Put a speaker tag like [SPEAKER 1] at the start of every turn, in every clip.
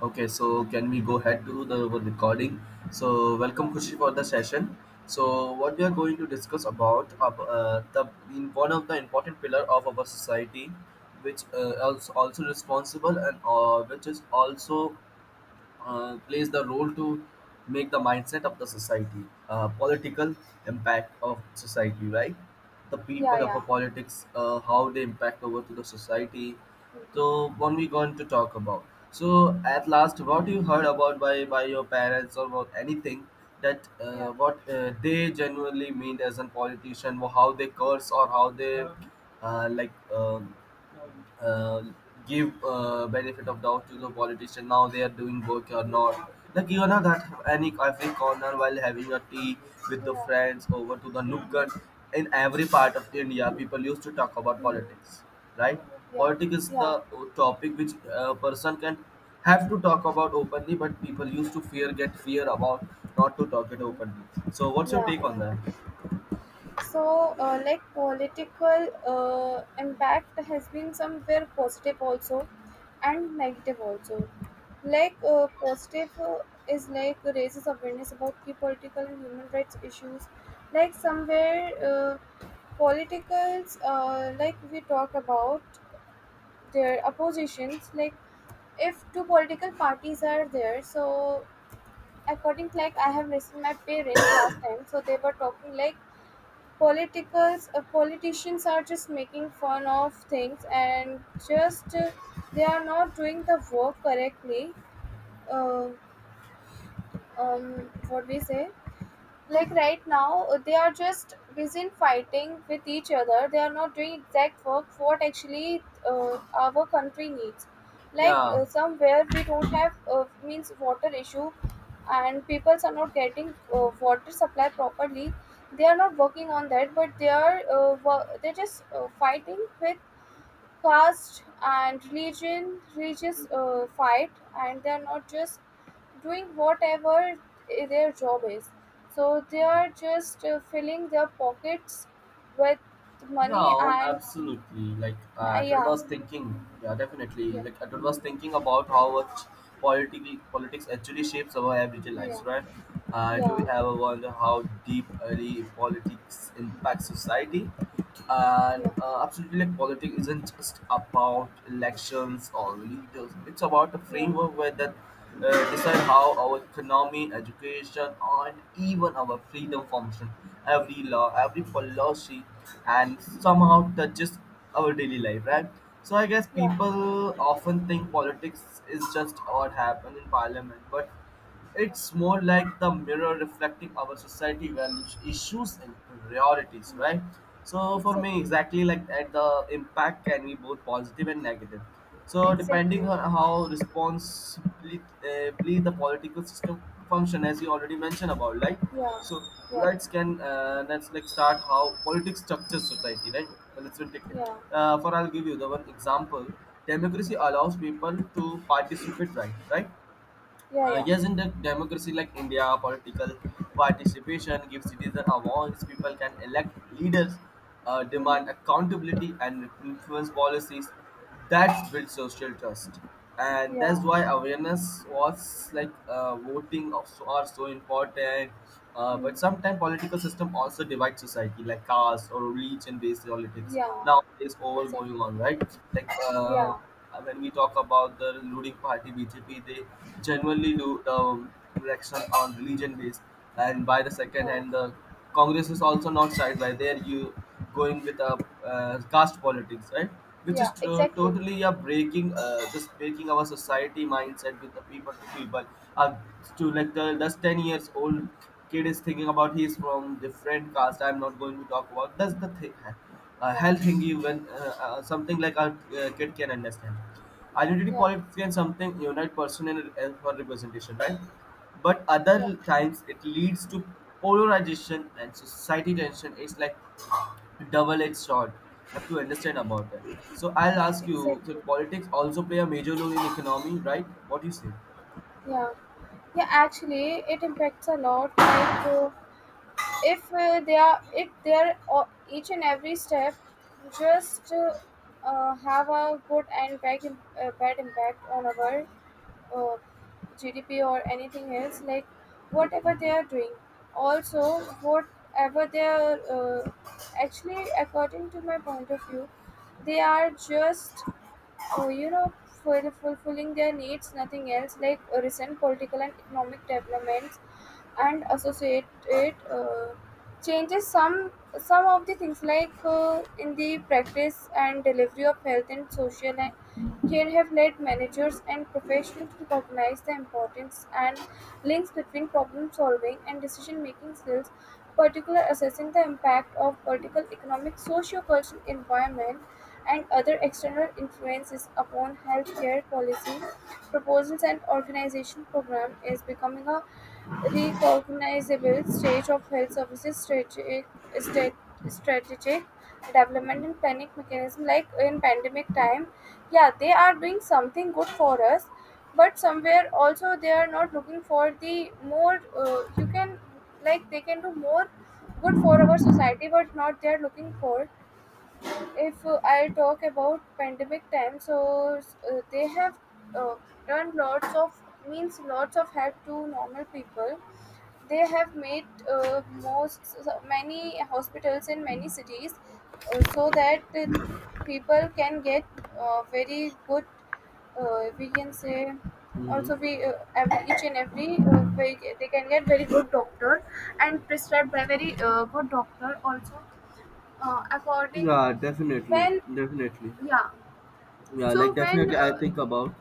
[SPEAKER 1] Okay, so can we go ahead to the our recording? So
[SPEAKER 2] Yeah,
[SPEAKER 1] welcome Kushi for the session. So what we are going to discuss about the in one of the important pillar of our society, which is also responsible, and which is also plays the role to make the mindset of the society, political impact of society, right? The
[SPEAKER 2] yeah,
[SPEAKER 1] people of a
[SPEAKER 2] yeah,
[SPEAKER 1] politics, how they impact over to the society. So what we going to talk about. So at last, what you heard about by your parents or about anything that
[SPEAKER 2] yeah, yeah, mhm, yeah,
[SPEAKER 1] what they genuinely mean as a politician, or how they curse or how they like. Uh, Give benefit of doubt to the politician now they are doing work or not, like you know that any cafe corner while having a tea with the
[SPEAKER 2] yeah,
[SPEAKER 1] friends over to the
[SPEAKER 2] mhm,
[SPEAKER 1] nukkad, in every part of India people used to talk about
[SPEAKER 2] mhm,
[SPEAKER 1] politics, right?
[SPEAKER 2] yeah,
[SPEAKER 1] Politics is the
[SPEAKER 2] yeah,
[SPEAKER 1] topic which a person can have to talk about openly, but people used to fear, get fear about not to talk it
[SPEAKER 2] mhm,
[SPEAKER 1] openly. So what's your
[SPEAKER 2] yeah,
[SPEAKER 1] take on that?
[SPEAKER 2] yeah. So, like political impact has been somewhere positive also, and negative also. Like positive is like raises awareness about key political and human rights issues. Like somewhere, politicals like we talk about their oppositions, like if two political parties are there, so according, like I have listened my parents last time, so they were talking like politicals politicians are just making fun of things, and just they are not doing the work correctly. uh, what we say, like right now, they are just busy in fighting with each other. They are not doing exact work what actually our country needs. Like
[SPEAKER 1] Yeah.
[SPEAKER 2] somewhere we don't have means water issue, and peoples are not getting water supply properly. They are not working on that, but they are they're just fighting with caste and religion, religious fight, and they are not just doing whatever their job is. So they are just filling their pockets with money
[SPEAKER 1] No,
[SPEAKER 2] and
[SPEAKER 1] absolutely. Like
[SPEAKER 2] uh,
[SPEAKER 1] Todd
[SPEAKER 2] yeah,
[SPEAKER 1] was thinking, yeah, definitely.
[SPEAKER 2] yeah,
[SPEAKER 1] Like Todd was thinking about how much politics actually shapes our everyday lives,
[SPEAKER 2] yeah,
[SPEAKER 1] right? Do
[SPEAKER 2] yeah,
[SPEAKER 1] we ever wonder how deep early politics impacts society? And
[SPEAKER 2] yeah,
[SPEAKER 1] absolutely, like politics isn't just about elections or leaders. It's about a
[SPEAKER 2] yeah, yeah,
[SPEAKER 1] framework where that decide how our economy, education, and even our
[SPEAKER 2] Hmm.
[SPEAKER 1] freedom function. Every law, every policy, and somehow touches our daily life, right? So I guess
[SPEAKER 2] yeah, yeah,
[SPEAKER 1] people often think politics is just what happened in parliament, but it's
[SPEAKER 2] yeah.
[SPEAKER 1] more like the mirror reflecting our society values, issues, and priorities,
[SPEAKER 2] Mm,
[SPEAKER 1] right? So for me,
[SPEAKER 2] exactly,
[SPEAKER 1] exactly like that, the impact can be both positive and negative. So
[SPEAKER 2] exactly,
[SPEAKER 1] depending on how responsibly bly the political system function, as you already mentioned about, like.
[SPEAKER 2] yeah,
[SPEAKER 1] So
[SPEAKER 2] yeah,
[SPEAKER 1] let's like start how politics structures society, right? Well, let's take it.
[SPEAKER 2] yeah,
[SPEAKER 1] For I'll give you the one example. Democracy
[SPEAKER 2] yeah,
[SPEAKER 1] allows people to participate, right? Right,
[SPEAKER 2] yeah, yeah,
[SPEAKER 1] yes, in the democracy like India, political participation gives citizens a voice. People can elect leaders,
[SPEAKER 2] Mhm.
[SPEAKER 1] demand accountability, and influence policies that build social trust. And
[SPEAKER 2] Yeah.
[SPEAKER 1] that's why awareness was like voting of so, are so important. Uh,
[SPEAKER 2] Hmm.
[SPEAKER 1] but sometimes political system also divide society, like caste or religion-based politics.
[SPEAKER 2] Yeah,
[SPEAKER 1] Now there's all
[SPEAKER 2] exactly,
[SPEAKER 1] going on, right? Like
[SPEAKER 2] yeah,
[SPEAKER 1] when we talk about the ruling party BJP, they generally do the election on religion-based, and by the second
[SPEAKER 2] yeah,
[SPEAKER 1] hand, the Congress is also not side by. There you going with a caste politics, right? Which is
[SPEAKER 2] yeah, exactly,
[SPEAKER 1] totally, yeah, breaking, just breaking our society mindset with the people to people. Uh, to like the, that's 10 years old kid is thinking about he's from different caste. I'm not going to talk about. That's the thing.
[SPEAKER 2] yeah,
[SPEAKER 1] Health thing you when something like a kid can understand. Identity
[SPEAKER 2] yeah,
[SPEAKER 1] politics can something unite person, and for representation, right? But
[SPEAKER 2] yeah,
[SPEAKER 1] other times it leads to polarization and society tension. It's like double-edged sword. Have to understand about it. So I'll ask you, so
[SPEAKER 2] exactly,
[SPEAKER 1] politics also play a major role in economy, right? What do you say?
[SPEAKER 2] yeah. Yeah, actually, it impacts a lot. Like if they are, if they are each and every step, just have a good and bad, bad impact on our uh, GDP or anything else. Like whatever they are doing, also whatever they are. Actually, according to my point of view, they are just you know fulfilling their needs, nothing else. Like recent political and economic development and associate it changes some of the things, like in the practice and delivery of health and social and care, have led managers and professionals to recognize the importance and links between problem solving and decision making skills, particular assessing the impact of political, economic, socio-cultural environment and other external influences upon healthcare policy proposals, and organization program is becoming a recognizable stage of health services strategic, stra- strategic development and panic mechanism. Like in pandemic time, yeah, they are doing something good for us, but somewhere also they are not looking for the more. You can, like they can do more good for our society, but not they are looking for. If I talk about pandemic time, so they have uh, done lots of means lots of help to normal people. They have made most so many hospitals in many cities, so that people can get very good. We can say
[SPEAKER 1] Hmm.
[SPEAKER 2] also we every each and every very, they can get very good doctor and prescribed by very good doctor also, according
[SPEAKER 1] Yeah, definitely,
[SPEAKER 2] when.
[SPEAKER 1] definitely.
[SPEAKER 2] Yeah,
[SPEAKER 1] Yeah, like
[SPEAKER 2] so when
[SPEAKER 1] definitely, I think about.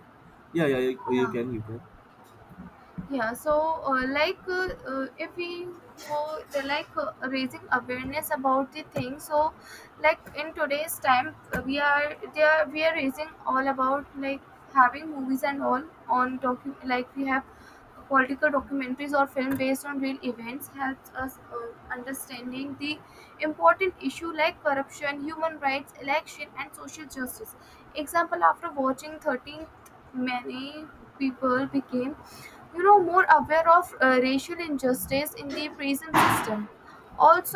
[SPEAKER 1] Yeah, yeah, you, you
[SPEAKER 2] yeah,
[SPEAKER 1] can, you can.
[SPEAKER 2] yeah, so if we go the, like raising awareness about the thing, so like in today's time, we are raising all about like having movies and all on docu, like we have political documentaries or film based on real events helps us understanding the important issue like corruption, human rights, election and social justice. Example, after watching 13th, many people became, you know, more aware of racial injustice in the prison system.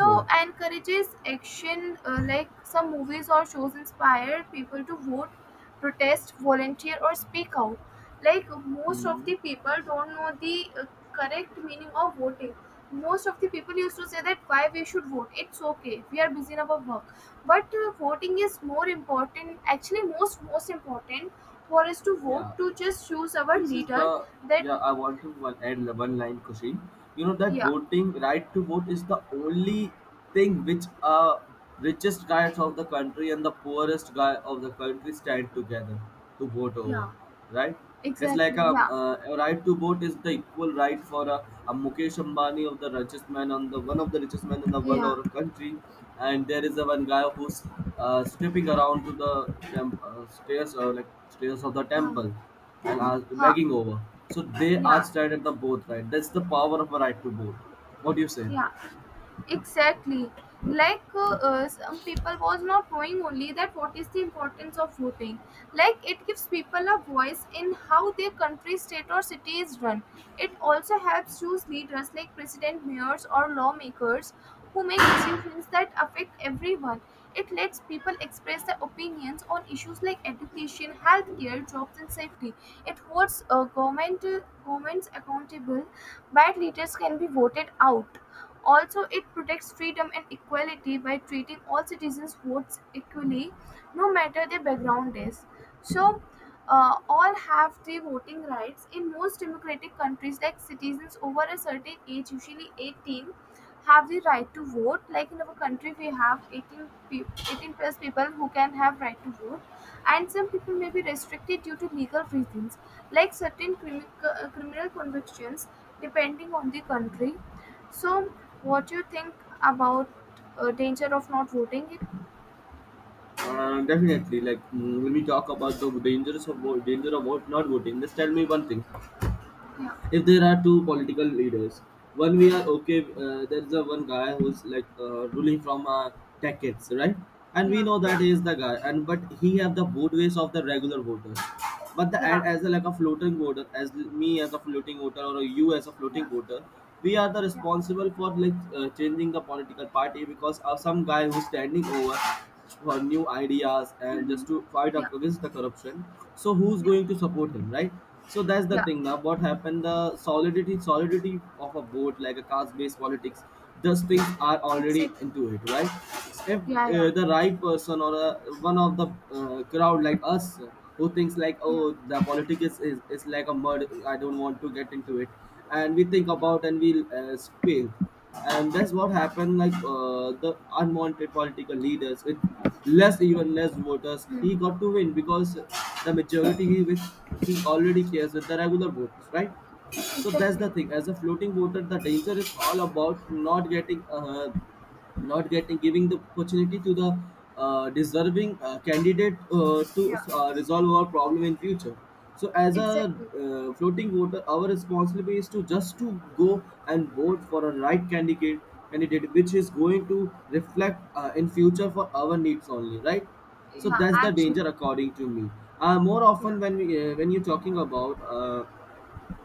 [SPEAKER 1] Hmm.
[SPEAKER 2] encourages action, like some movies or shows inspire people to vote, protest, volunteer or speak out. Like most of
[SPEAKER 1] Hmm.
[SPEAKER 2] the people don't know the correct meaning of voting. Most of the people used to say that why we should vote, it's okay, we are busy in our work. But voting is more important actually, most important for us to vote
[SPEAKER 1] Yeah,
[SPEAKER 2] to just choose our
[SPEAKER 1] this is
[SPEAKER 2] leader
[SPEAKER 1] the.
[SPEAKER 2] that.
[SPEAKER 1] Yeah, I want to one, add one line, Kushi. You know that
[SPEAKER 2] yeah,
[SPEAKER 1] voting, right to vote, is the only thing which richest guys of the country and the poorest guy of the country stand together to vote over,
[SPEAKER 2] yeah,
[SPEAKER 1] right? It's
[SPEAKER 2] Exactly.
[SPEAKER 1] like a,
[SPEAKER 2] Yeah,
[SPEAKER 1] a, right to vote is the equal right for a Mukesh Ambani of the richest man on the one of the richest men in the world
[SPEAKER 2] yeah,
[SPEAKER 1] or a country, and there is a one guy who's stepping around to the stairs or like stairs of the
[SPEAKER 2] huh,
[SPEAKER 1] temple and asked,
[SPEAKER 2] huh,
[SPEAKER 1] begging over. So they are
[SPEAKER 2] yeah,
[SPEAKER 1] stared at the boat, right? That's the power of a right to vote. What do you say?
[SPEAKER 2] yeah. Exactly, like some people was not knowing only that what is the importance of voting. Like it gives people a voice in how their country, state or city is run. It also helps choose leaders like president, mayors or lawmakers who make decisions that affect everyone. It lets people express their opinions on issues like education, healthcare, jobs and safety. It holds governments accountable, bad leaders can be voted out. Also, it protects freedom and equality by treating all citizens' votes equally, no matter their background is. So, all have the voting rights. In most democratic countries, like citizens over a certain age, usually 18, have the right to vote. Like in our country, we have 18, 18 plus people who can have right to vote, and some people may be restricted due to legal reasons, like certain criminal convictions, depending on the country. So, what you think about danger of not voting it?
[SPEAKER 1] Definitely. Like when we talk about the dangers of vote, danger of vote, not voting, just tell me one thing.
[SPEAKER 2] Yeah,
[SPEAKER 1] If there are two political leaders, one we are okay, there's a one guy who's like ruling from decades, right? And we
[SPEAKER 2] yeah,
[SPEAKER 1] know that
[SPEAKER 2] yeah,
[SPEAKER 1] is the guy, and but he have the vote base of the regular voters, but the
[SPEAKER 2] yeah,
[SPEAKER 1] ad as a, like a floating voter, as me as a floating voter or you as a
[SPEAKER 2] yeah,
[SPEAKER 1] floating voter, we are the
[SPEAKER 2] yeah.
[SPEAKER 1] responsible for like changing the political party because of some guy who's standing over for new ideas and
[SPEAKER 2] Mm-hmm.
[SPEAKER 1] just to fight
[SPEAKER 2] Yeah,
[SPEAKER 1] up against the corruption. So who's
[SPEAKER 2] yeah,
[SPEAKER 1] going to support him, right? So that's the
[SPEAKER 2] yeah.
[SPEAKER 1] thing. Now what happened, the solidity of a vote, like a caste based politics, those things are already
[SPEAKER 2] Exactly.
[SPEAKER 1] into it, right? If
[SPEAKER 2] Yeah, yeah,
[SPEAKER 1] the right person or one of the crowd like us who thinks like,
[SPEAKER 2] yeah,
[SPEAKER 1] oh, the politics is like a mud, I don't want to get into it, and we think
[SPEAKER 2] yeah,
[SPEAKER 1] about and we fail, and that's what
[SPEAKER 2] yeah.
[SPEAKER 1] happened, like the unwanted political leaders with less, even less voters, he
[SPEAKER 2] Mm.
[SPEAKER 1] got to win because the majority he with, he already cares with the regular voters, right? So that's
[SPEAKER 2] Exactly.
[SPEAKER 1] the thing, as a floating voter the danger is all about not getting heard, not getting, giving the opportunity to the deserving candidate to
[SPEAKER 2] Yeah,
[SPEAKER 1] resolve our problem in future. So as a
[SPEAKER 2] exactly.
[SPEAKER 1] floating voter, our responsibility is to just to go and vote for a right candidate, candidate which is going to reflect in future for our needs only, right? So
[SPEAKER 2] Yeah,
[SPEAKER 1] that's the
[SPEAKER 2] actually.
[SPEAKER 1] danger according to me. More
[SPEAKER 2] Yeah,
[SPEAKER 1] often when we, when you're talking about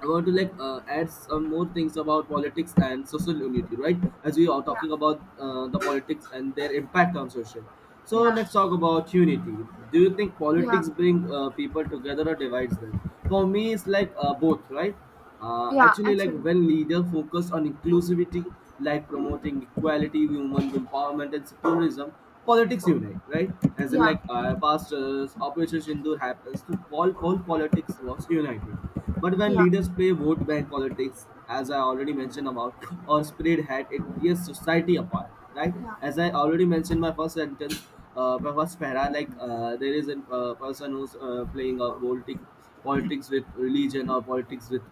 [SPEAKER 1] I want to like add some more things about politics and social unity, right? As we are
[SPEAKER 2] yeah,
[SPEAKER 1] talking about the politics and their impact on social. So
[SPEAKER 2] yeah,
[SPEAKER 1] let's talk about unity. Do you think
[SPEAKER 2] yeah,
[SPEAKER 1] politics bring people together or divides them? For me, it's like both, right?
[SPEAKER 2] yeah.
[SPEAKER 1] Actually, like
[SPEAKER 2] Actually.
[SPEAKER 1] when leaders focus on inclusivity, like promoting equality, human empowerment, and secularism, politics unite, right? As in,
[SPEAKER 2] Yeah,
[SPEAKER 1] like, pastors operation Hindu happens. So, all politics was uniting, but when
[SPEAKER 2] yeah,
[SPEAKER 1] leaders play vote bank politics, as I already mentioned about or spread hate, it tears society apart, right?
[SPEAKER 2] yeah,
[SPEAKER 1] As I already mentioned my first sentence, my first para, like there is a person who's playing a politics with religion or politics with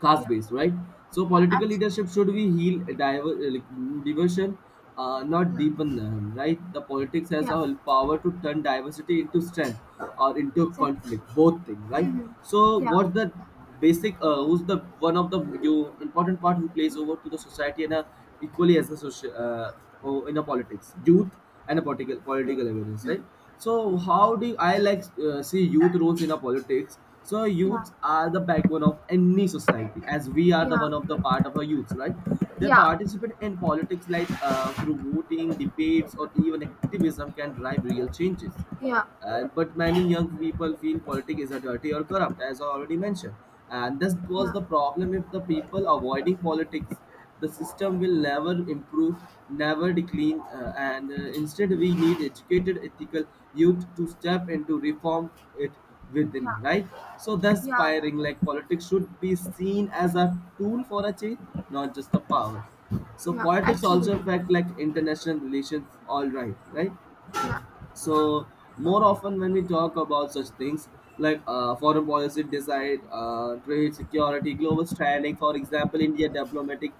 [SPEAKER 1] caste
[SPEAKER 2] yeah,
[SPEAKER 1] based, right? So
[SPEAKER 2] yeah.
[SPEAKER 1] political
[SPEAKER 2] Actually.
[SPEAKER 1] leadership should be heal diver, like, diversion, not
[SPEAKER 2] Yeah,
[SPEAKER 1] deepen them, right? The politics has
[SPEAKER 2] yeah.
[SPEAKER 1] a power to turn diversity into strength or into
[SPEAKER 2] Exactly.
[SPEAKER 1] conflict, both things, right?
[SPEAKER 2] Mm-hmm.
[SPEAKER 1] So
[SPEAKER 2] Yeah,
[SPEAKER 1] what the basic, who's the one of the you important part who plays over to the society and a, equally as a social, oh, in a politics, youth and a political awareness, right? So how do I like see youth roles in a politics? So
[SPEAKER 2] yeah,
[SPEAKER 1] youths are the backbone of any society, as we are the one of
[SPEAKER 2] yeah,
[SPEAKER 1] the part of our youths, right? Their
[SPEAKER 2] yeah,
[SPEAKER 1] participate in politics, like through voting, debates, or even activism, can drive real changes.
[SPEAKER 2] yeah.
[SPEAKER 1] And but many young people feel politics is a dirty or corrupt, as I already mentioned. And this was
[SPEAKER 2] Yeah,
[SPEAKER 1] the problem, if the people avoiding politics, the system will never improve, never decline, and instead we need educated, ethical youth to step into reform it within.
[SPEAKER 2] yeah,
[SPEAKER 1] Right. So that's
[SPEAKER 2] yeah, yeah,
[SPEAKER 1] firing, like politics should be seen as a tool for a change, not just a power. So
[SPEAKER 2] yeah.
[SPEAKER 1] politics
[SPEAKER 2] Actually,
[SPEAKER 1] also affect like international relations. All right, right.
[SPEAKER 2] yeah,
[SPEAKER 1] So more often when we talk about such things like foreign policy decide, trade, security, global standing, for example, India diplomatic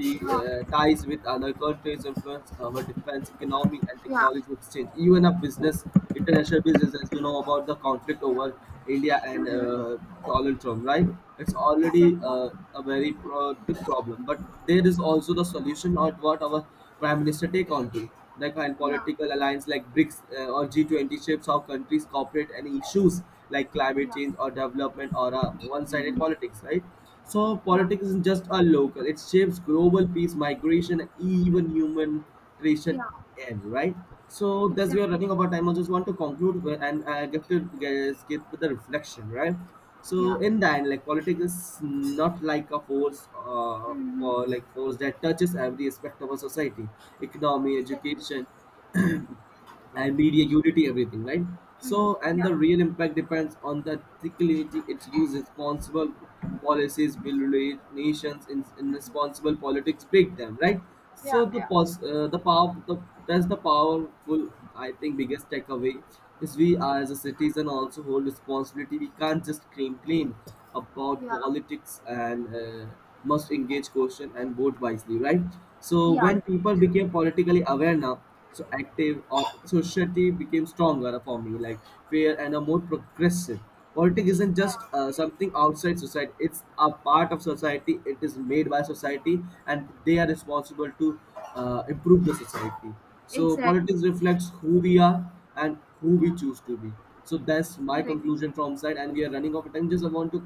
[SPEAKER 2] yeah,
[SPEAKER 1] ties with other countries influence our defense, economy, and
[SPEAKER 2] yeah,
[SPEAKER 1] technology exchange. Even a business, international business, as you know about the conflict
[SPEAKER 2] yeah.
[SPEAKER 1] over India and
[SPEAKER 2] Mm-hmm.
[SPEAKER 1] Donald Trump, right? It's already
[SPEAKER 2] Exactly.
[SPEAKER 1] a very big problem, but there is also the solution or what our prime minister take on to, like, and
[SPEAKER 2] Yeah,
[SPEAKER 1] political alliance like BRICS or G20 shapes how countries cooperate and issues like climate
[SPEAKER 2] yeah.
[SPEAKER 1] change or development or one-sided
[SPEAKER 2] Mm-hmm.
[SPEAKER 1] politics, right? So
[SPEAKER 2] Yeah,
[SPEAKER 1] politics isn't just a local; it shapes global peace, migration, and even human relation,
[SPEAKER 2] yeah.
[SPEAKER 1] end, right? So that's, we are
[SPEAKER 2] Exactly.
[SPEAKER 1] running out of time. I just want to conclude with- and get to get with the reflection, right?
[SPEAKER 2] Yeah.
[SPEAKER 1] So in the end, like politics is not like a force
[SPEAKER 2] Mm-hmm.
[SPEAKER 1] or like force that touches every aspect of our society, economy,
[SPEAKER 2] Exactly.
[SPEAKER 1] education, and media unity, everything, right?
[SPEAKER 2] Mm.
[SPEAKER 1] So, and
[SPEAKER 2] Yeah,
[SPEAKER 1] the real impact depends on the articulating its use. Responsible policies build nations in responsible politics break them, right?
[SPEAKER 2] yeah,
[SPEAKER 1] So the
[SPEAKER 2] yeah,
[SPEAKER 1] pos- uh, the power, the, that's the powerful, I think, biggest takeaway is we as a citizen also hold responsibility. We can't just complain about
[SPEAKER 2] yeah,
[SPEAKER 1] politics, and must engage, question, and vote wisely, right? So
[SPEAKER 2] yeah.
[SPEAKER 1] when people
[SPEAKER 2] Correct.
[SPEAKER 1] became politically aware now, so active, or society became stronger, for me, like fair and a more progressive, politics isn't just
[SPEAKER 2] Yeah,
[SPEAKER 1] something outside society, it's a part of society, it is made by society,
[SPEAKER 2] yeah.
[SPEAKER 1] and they are responsible to improve the society. So
[SPEAKER 2] Exactly.
[SPEAKER 1] politics reflects who we are and who
[SPEAKER 2] Yeah.
[SPEAKER 1] we choose to be. So that's my
[SPEAKER 2] Correct.
[SPEAKER 1] conclusion from side, and we are running out of time, just I want to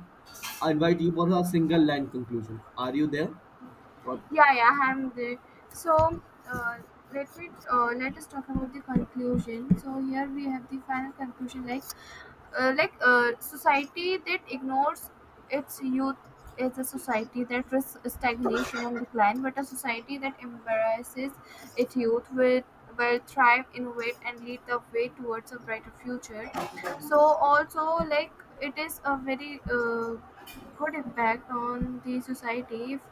[SPEAKER 1] invite you for a single line conclusion. Are you there? What?
[SPEAKER 2] Yeah. I'm there. So, uh, let us talk about the conclusion. So here we have the final conclusion. Like society that ignores its youth is a society that risks stagnation and decline, but a society that embraces its youth will thrive, innovate, and lead the way towards a brighter future. So also, like it is a very good impact on the society if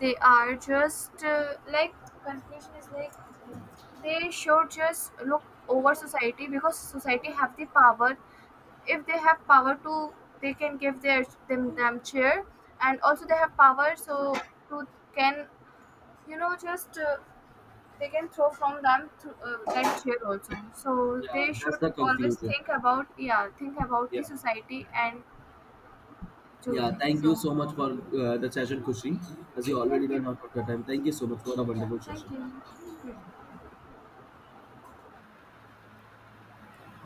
[SPEAKER 2] they are just like conclusion is like they should just look over society, because society have the power. If they have power to, they can give their them, them chair, and also they have power, so to can, you know, just they can throw from them to, that chair also, so
[SPEAKER 1] Yeah,
[SPEAKER 2] they should
[SPEAKER 1] that's the
[SPEAKER 2] always
[SPEAKER 1] conclusion.
[SPEAKER 2] think about, yeah, think about the
[SPEAKER 1] Yeah.
[SPEAKER 2] society and do
[SPEAKER 1] Yeah,
[SPEAKER 2] things
[SPEAKER 1] thank you
[SPEAKER 2] so.
[SPEAKER 1] so much for the session, Kushi. As you already
[SPEAKER 2] Thank you.
[SPEAKER 1] know, out of your time, thank you so much for a
[SPEAKER 2] Yeah,
[SPEAKER 1] wonderful
[SPEAKER 2] thank
[SPEAKER 1] session.
[SPEAKER 2] you. Hmm.